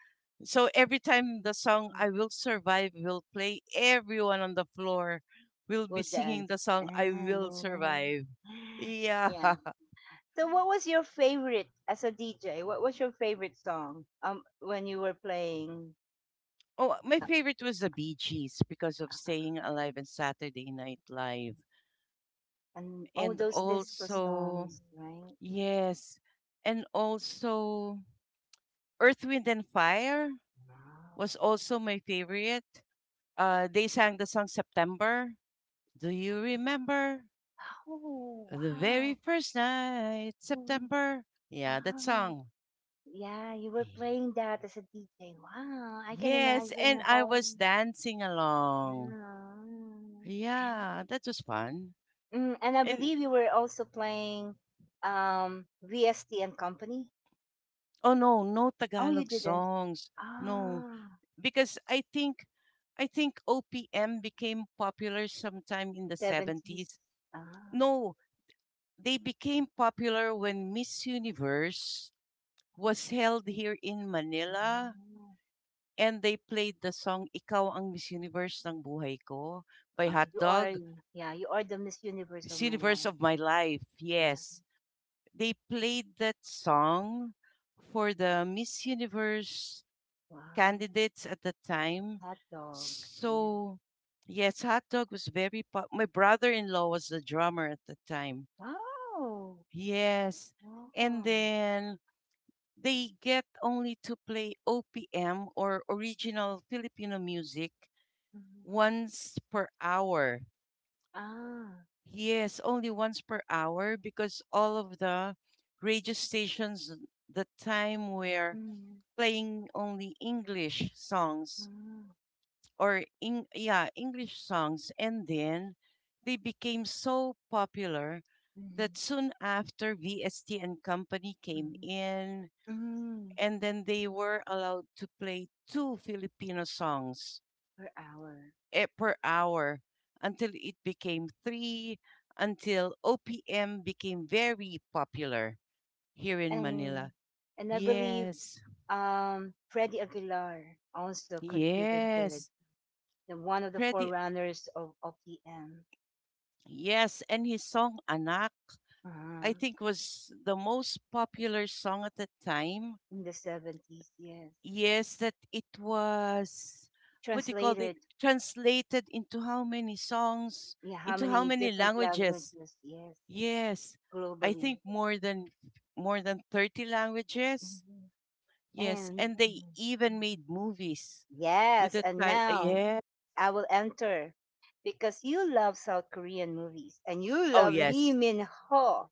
So every time the song I Will Survive will play, everyone on the floor will be Good singing the dance. song I Will Survive. Yeah. Yeah. So, what was your favorite as a D J? What was your favorite song? Um, when you were playing, oh, my uh favorite was the Bee Gees because of Staying Alive and Saturday Night Live. and all And those disco also, songs, right? yes, and also Earth, Wind and Fire Wow. was also my favorite. Uh, they sang the song September. Do you remember Oh, the very wow. first night, Mm, September? Yeah, that wow. song. Yeah, you were playing that as a D J. Wow. I can Yes, and imagine I how. was dancing along. Wow. Yeah, that was fun. Mm, and I And believe you were also playing um, V S T and Company. oh no, no Oh, you Tagalog didn't. songs. No, Ah, because I think I think O P M became popular sometime in the seventies. seventies. Ah, No, they became popular when Miss Universe was held here in Manila, mhm. and they played the song Ikaw ang Miss Universe ng Buhay Ko by Ah, Hot you are, Dog. yeah, you are the Miss Universe of Miss my Universe life. of My Life. Yeah. Yes, they played that song for the Miss Universe Wow. candidates at the time. Hot dogs. Yeah. So, yes, Hot Dog was very pop. My brother in law was the drummer at the time. Wow. Yes. And Wow. then they get only to play O P M or original Filipino music Mm-hmm. once per hour. Ah. Yes, only once per hour because all of the radio stations the time were Mm-hmm. playing only English songs, Mm-hmm. or in yeah, English songs, and then they became so popular Mm-hmm. that soon after V S T and company came in, Mm-hmm. and then they were allowed to play two Filipino songs, Per hour. eh, per hour, until it became three, until O P M became very popular here in And Manila. and I believe Yes, um Freddie Aguilar also contributed, yes. the one of the Freddie, forerunners of O P M. yes, and his song Anak, Uh-huh. I think, was the most popular song at the time. In the seventies. Yes. Yes, that it was, what do you call it, Translated. translated into how many songs, Yeah. How into how many many different languages? languages? Yes. Yes, I Globally. think more than more than thirty languages. Mm-hmm. Yes, And and they mhm. Mhm. even made movies with Yes, the and title. now Yeah. I will enter, because you love South Korean movies and you Oh, love Lee yes. Min Ho,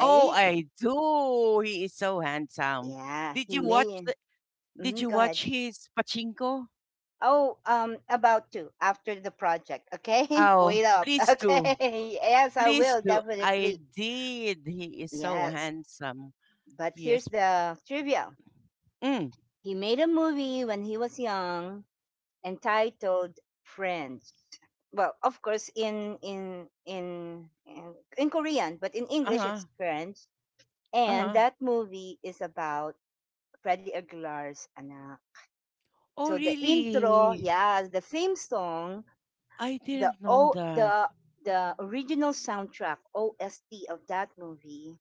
Oh, I do. He is so handsome. Yeah, Did he you watch the, made. did Mm-hmm, you go ahead. watch his pachinko? Oh, um, about to after the project. Okay, Oh, wait up. please do. Okay, yes, I Please will do. I definitely. did. He is so Yes, handsome. but here's Yes. the trivia. Mm. He made a movie when he was young entitled Friends. Well, of course, in in in in in Korean, but in English Uh-huh. it's Friends. And Uh-huh. that movie is about Freddie Aguilar's anak. Oh, So the intro, really? yeah, the theme song, I the didn't know o that. the the original soundtrack O S T of that movie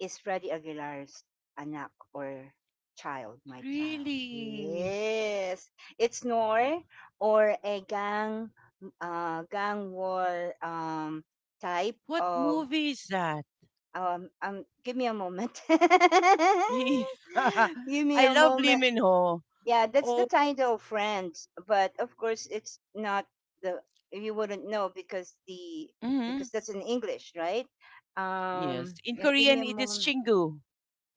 is Freddie Aguilar's anak or child, my child. Really? Yes. It's Noor or a gang uh, gang war um, type What of movie is that? um, um give me a moment. Give me I a love Lee moment. Min Ho. Yeah, that's the Oh, title of Friends, but of course it's not the, you wouldn't know because the mhm. because that's in English, right? Yes. Um In yeah, give me Korean, a it is moment. Chingu.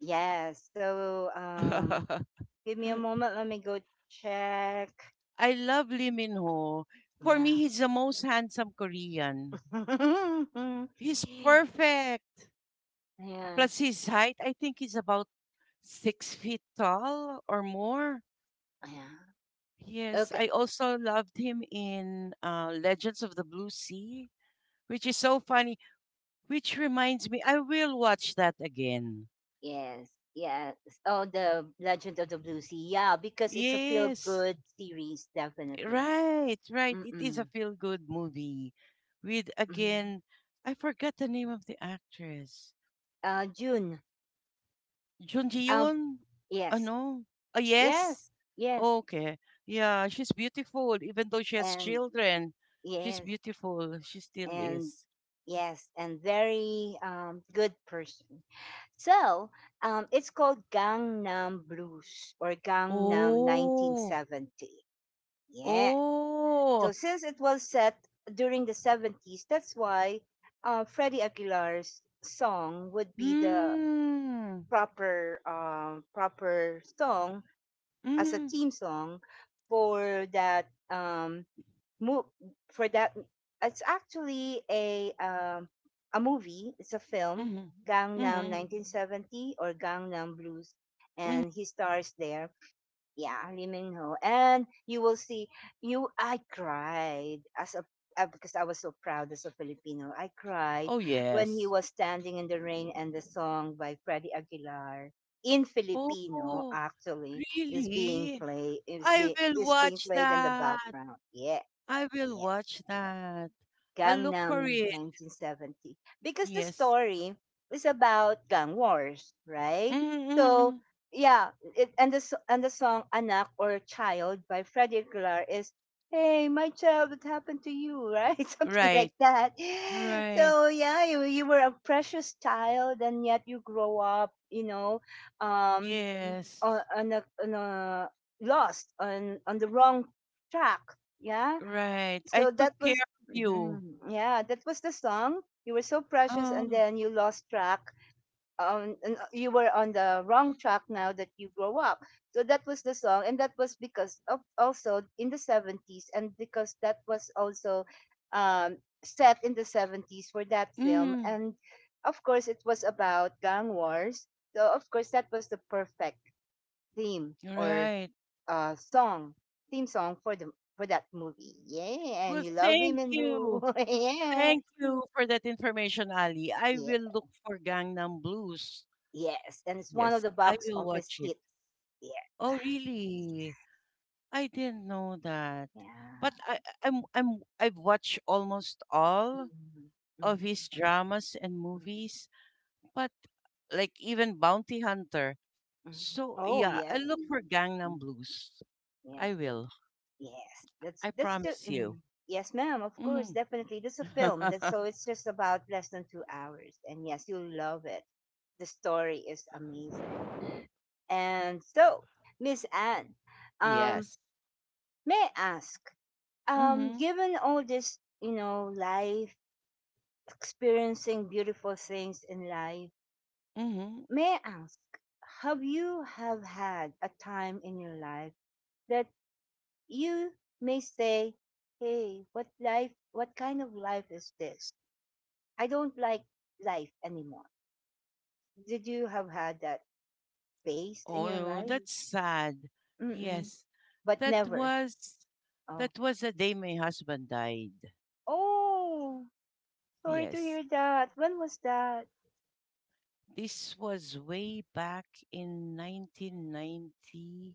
Yes. So, um, give me a moment. Let me go check. I love Lee Min Ho. For me, Yeah. he's the most handsome Korean. He's perfect. Yeah. Plus his height, I think he's about six feet tall or more. Yeah. Yes, Okay. I also loved him in uh, Legends of the Blue Sea, which is so funny, which reminds me, I will watch that again. Yes. Yes. Oh, the Legend of the Blue Sea. Yeah, because it's a Yes, feel-good series, eh, definitely. right, right. It is a Mm-mm. feel-good movie with Mm. again, I forgot the name of the actress. Uh, June. Jun Ji Um. Hyun? Yes. Ano? Ah, yes. Yes. Yes. Okay. Yeah, she's beautiful. Even though she has And children, she's yes. beautiful. She still And is. yes, and very um, good person. So um, it's called Gangnam Blues or Gangnam Oh, nineteen seventy. Yeah. oh. So since it was set during the seventies, that's why, uh, Freddie Aguilar's song would be the Mm. proper um, proper song as a Mm-hmm. theme song for that um, Mo- for that, it's actually a um, a movie. It's a film, Mm-hmm. Gangnam Mm-hmm. nineteen seventy or Gangnam Blues, Mm. and he stars there. Yeah, Lee Min Ho, and you will see. You, I cried as a, uh, because I was so proud as a Filipino. I cried Oh, when he yes. was standing in the rain and the song by Freddie Aguilar in Filipino Oh, actually is being really? played, is I be will is being watch played in the that. background. Yeah. I will Yeah. watch that. I'll look for Gangnam it. nineteen seventy, because the Yes. story is about gang wars, right? So Mm-hmm. yeah, it, and the s- and the song "Anak" or "Child" by Freddie Aguilar is "Hey, my child, what happened to you?" Right, something Right. like that. Right. So yeah, you you were a precious child, and yet you grow up, you know, um, Yes. on on a, on a, lost on on the wrong track. Yeah, Right. I so took that care was of you. mhm. Yeah, that was the song. You were so precious, and Oh. then you lost track, um and uh, you were on the wrong track now that you grow up. So that was the song, and that was because of also in the seventies, and because that was also um set in the seventies for that film. Mm. And of course it was about gang wars, so of course that was the perfect theme or Right. uh, song, theme song for the, for that movie. Yeah, and Well, you love thank women who, you. yeah, Thank you for that information, Ali. I yeah, will look for Gangnam Blues. yes, and it's one of Yes, the I box will office watch it. hits. Yeah, Oh, really? I didn't know that. But yeah. I I- I'm I'm I've watched almost all Mhm, mhm, of his dramas and mhm, movies, but like even Bounty Hunter. mhm. So Oh yeah, I yes, look for Gangnam mm, Blues. yes, I will. yes. That's I that's the promise you. mm, yes, ma'am. Of Hmm. course, definitely. This is a film that so it's just about less than two hours, and yes, you'll love it. The story is amazing. And so, Miss Anne, um, yes. may I ask, um, Mm-hmm. given all this, you know, life, experiencing beautiful things in life, Mm-hmm. may I ask, have you have had a time in your life that you may say, hey, what life, what kind of life is this? I don't like life anymore. Did you have had that phase in your Oh, life? that's sad. Mm-mm, Yes. but That never. was that Oh, was the day my husband died. oh, sorry to Yes. hear that. When was that? This was way back in nineteen ninety-eight.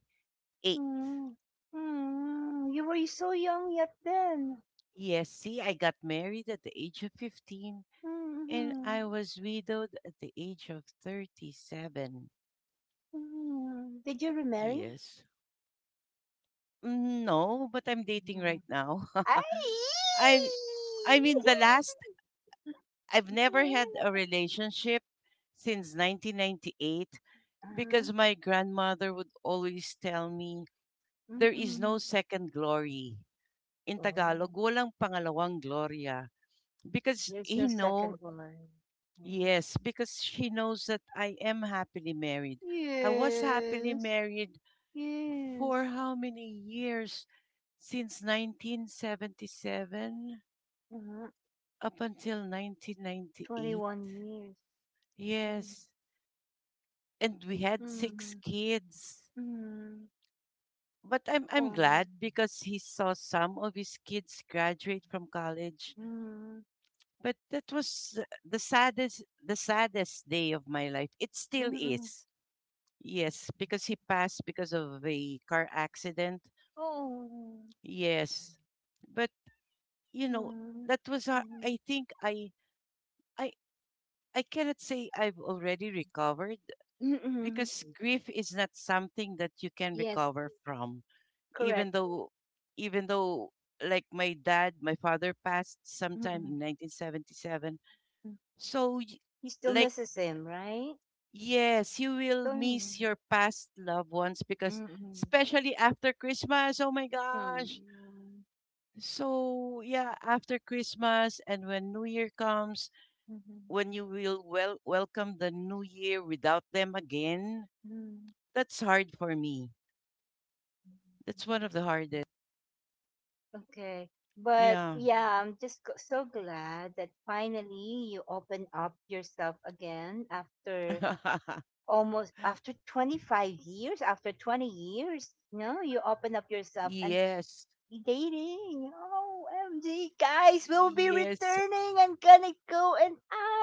Mm, mm, you were so young yet then. Yes, see, I got married at the age of fifteen and I Mm-hmm. was widowed at the age of thirty-seven. Mm. Did you remarry? Yes. Mm, no, but I'm dating right Mm. now. Ay! I I mean the last, I've never had a relationship since nineteen ninety-eight Uh-huh. because my grandmother would always tell me there is no Mm-mm. second glory. In Tagalog, Oh, walang pangalawang Gloria. Because there's he no know, second woman. Yeah. yes, because she knows that I am happily married. I was happily Yes, married yes. for how many years? Since nineteen seventy-seven Uh-huh. up until nineteen ninety-eight. twenty-one years. Mm-hmm. Yes. And we had six kids. Mm-hmm. But I'm I'm Oh. glad because he saw some of his kids graduate from college. But that was the saddest the saddest day of my life. It still Mm-hmm. is. Yes, because he passed because of a car accident. Oh. Yes. But you know, Mm, that was a- mhm. I think I I I cannot say I've already recovered Mm-mm. because grief is not something that you can Yes, recover from. Even correct. though even though like my dad, my father passed sometime Mm-mm. in nineteen seventy-seven. Mm. So y- He still like misses him, right? yes, you So, will miss mm, your past loved ones because mm-mm. especially after Christmas, oh my gosh. Mm, So, yeah, after Christmas and when New Year comes, mhm. when you will well welcome the new year without them again, Mm. that's hard for me. That's one of the hardest. Okay. But Yeah. yeah, I'm just g- so glad that finally you open up yourself again after almost after twenty-five years, after twenty years, no, you open up yourself and Yes. dating. Oh, M G guys, we'll be Yes. returning. I'm gonna go and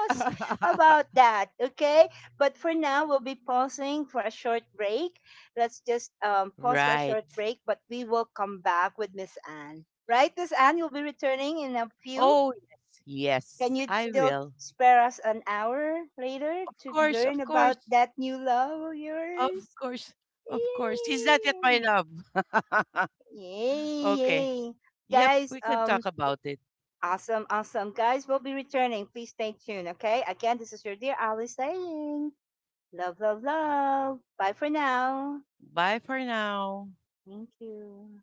ask about that, okay? But for now, we'll be pausing for a short break. Let's just um, pause for a short Right. break, but we will come back with Miss Anne. Right, Miss Anne, you'll be returning in a few. Oh, yes. Can Yes, you I still will. spare us an hour later Of to course, learn of about course. that new love of Of yours? course. Of course. He's not yet my Yay! love. Yay! okay. Yay, Yep, guys, we can um, talk about it. awesome, awesome. Guys, we'll be returning. Please stay tuned, okay? Again, this is your dear Ali saying, love, love, love. Bye for now. Bye for now. Thank you.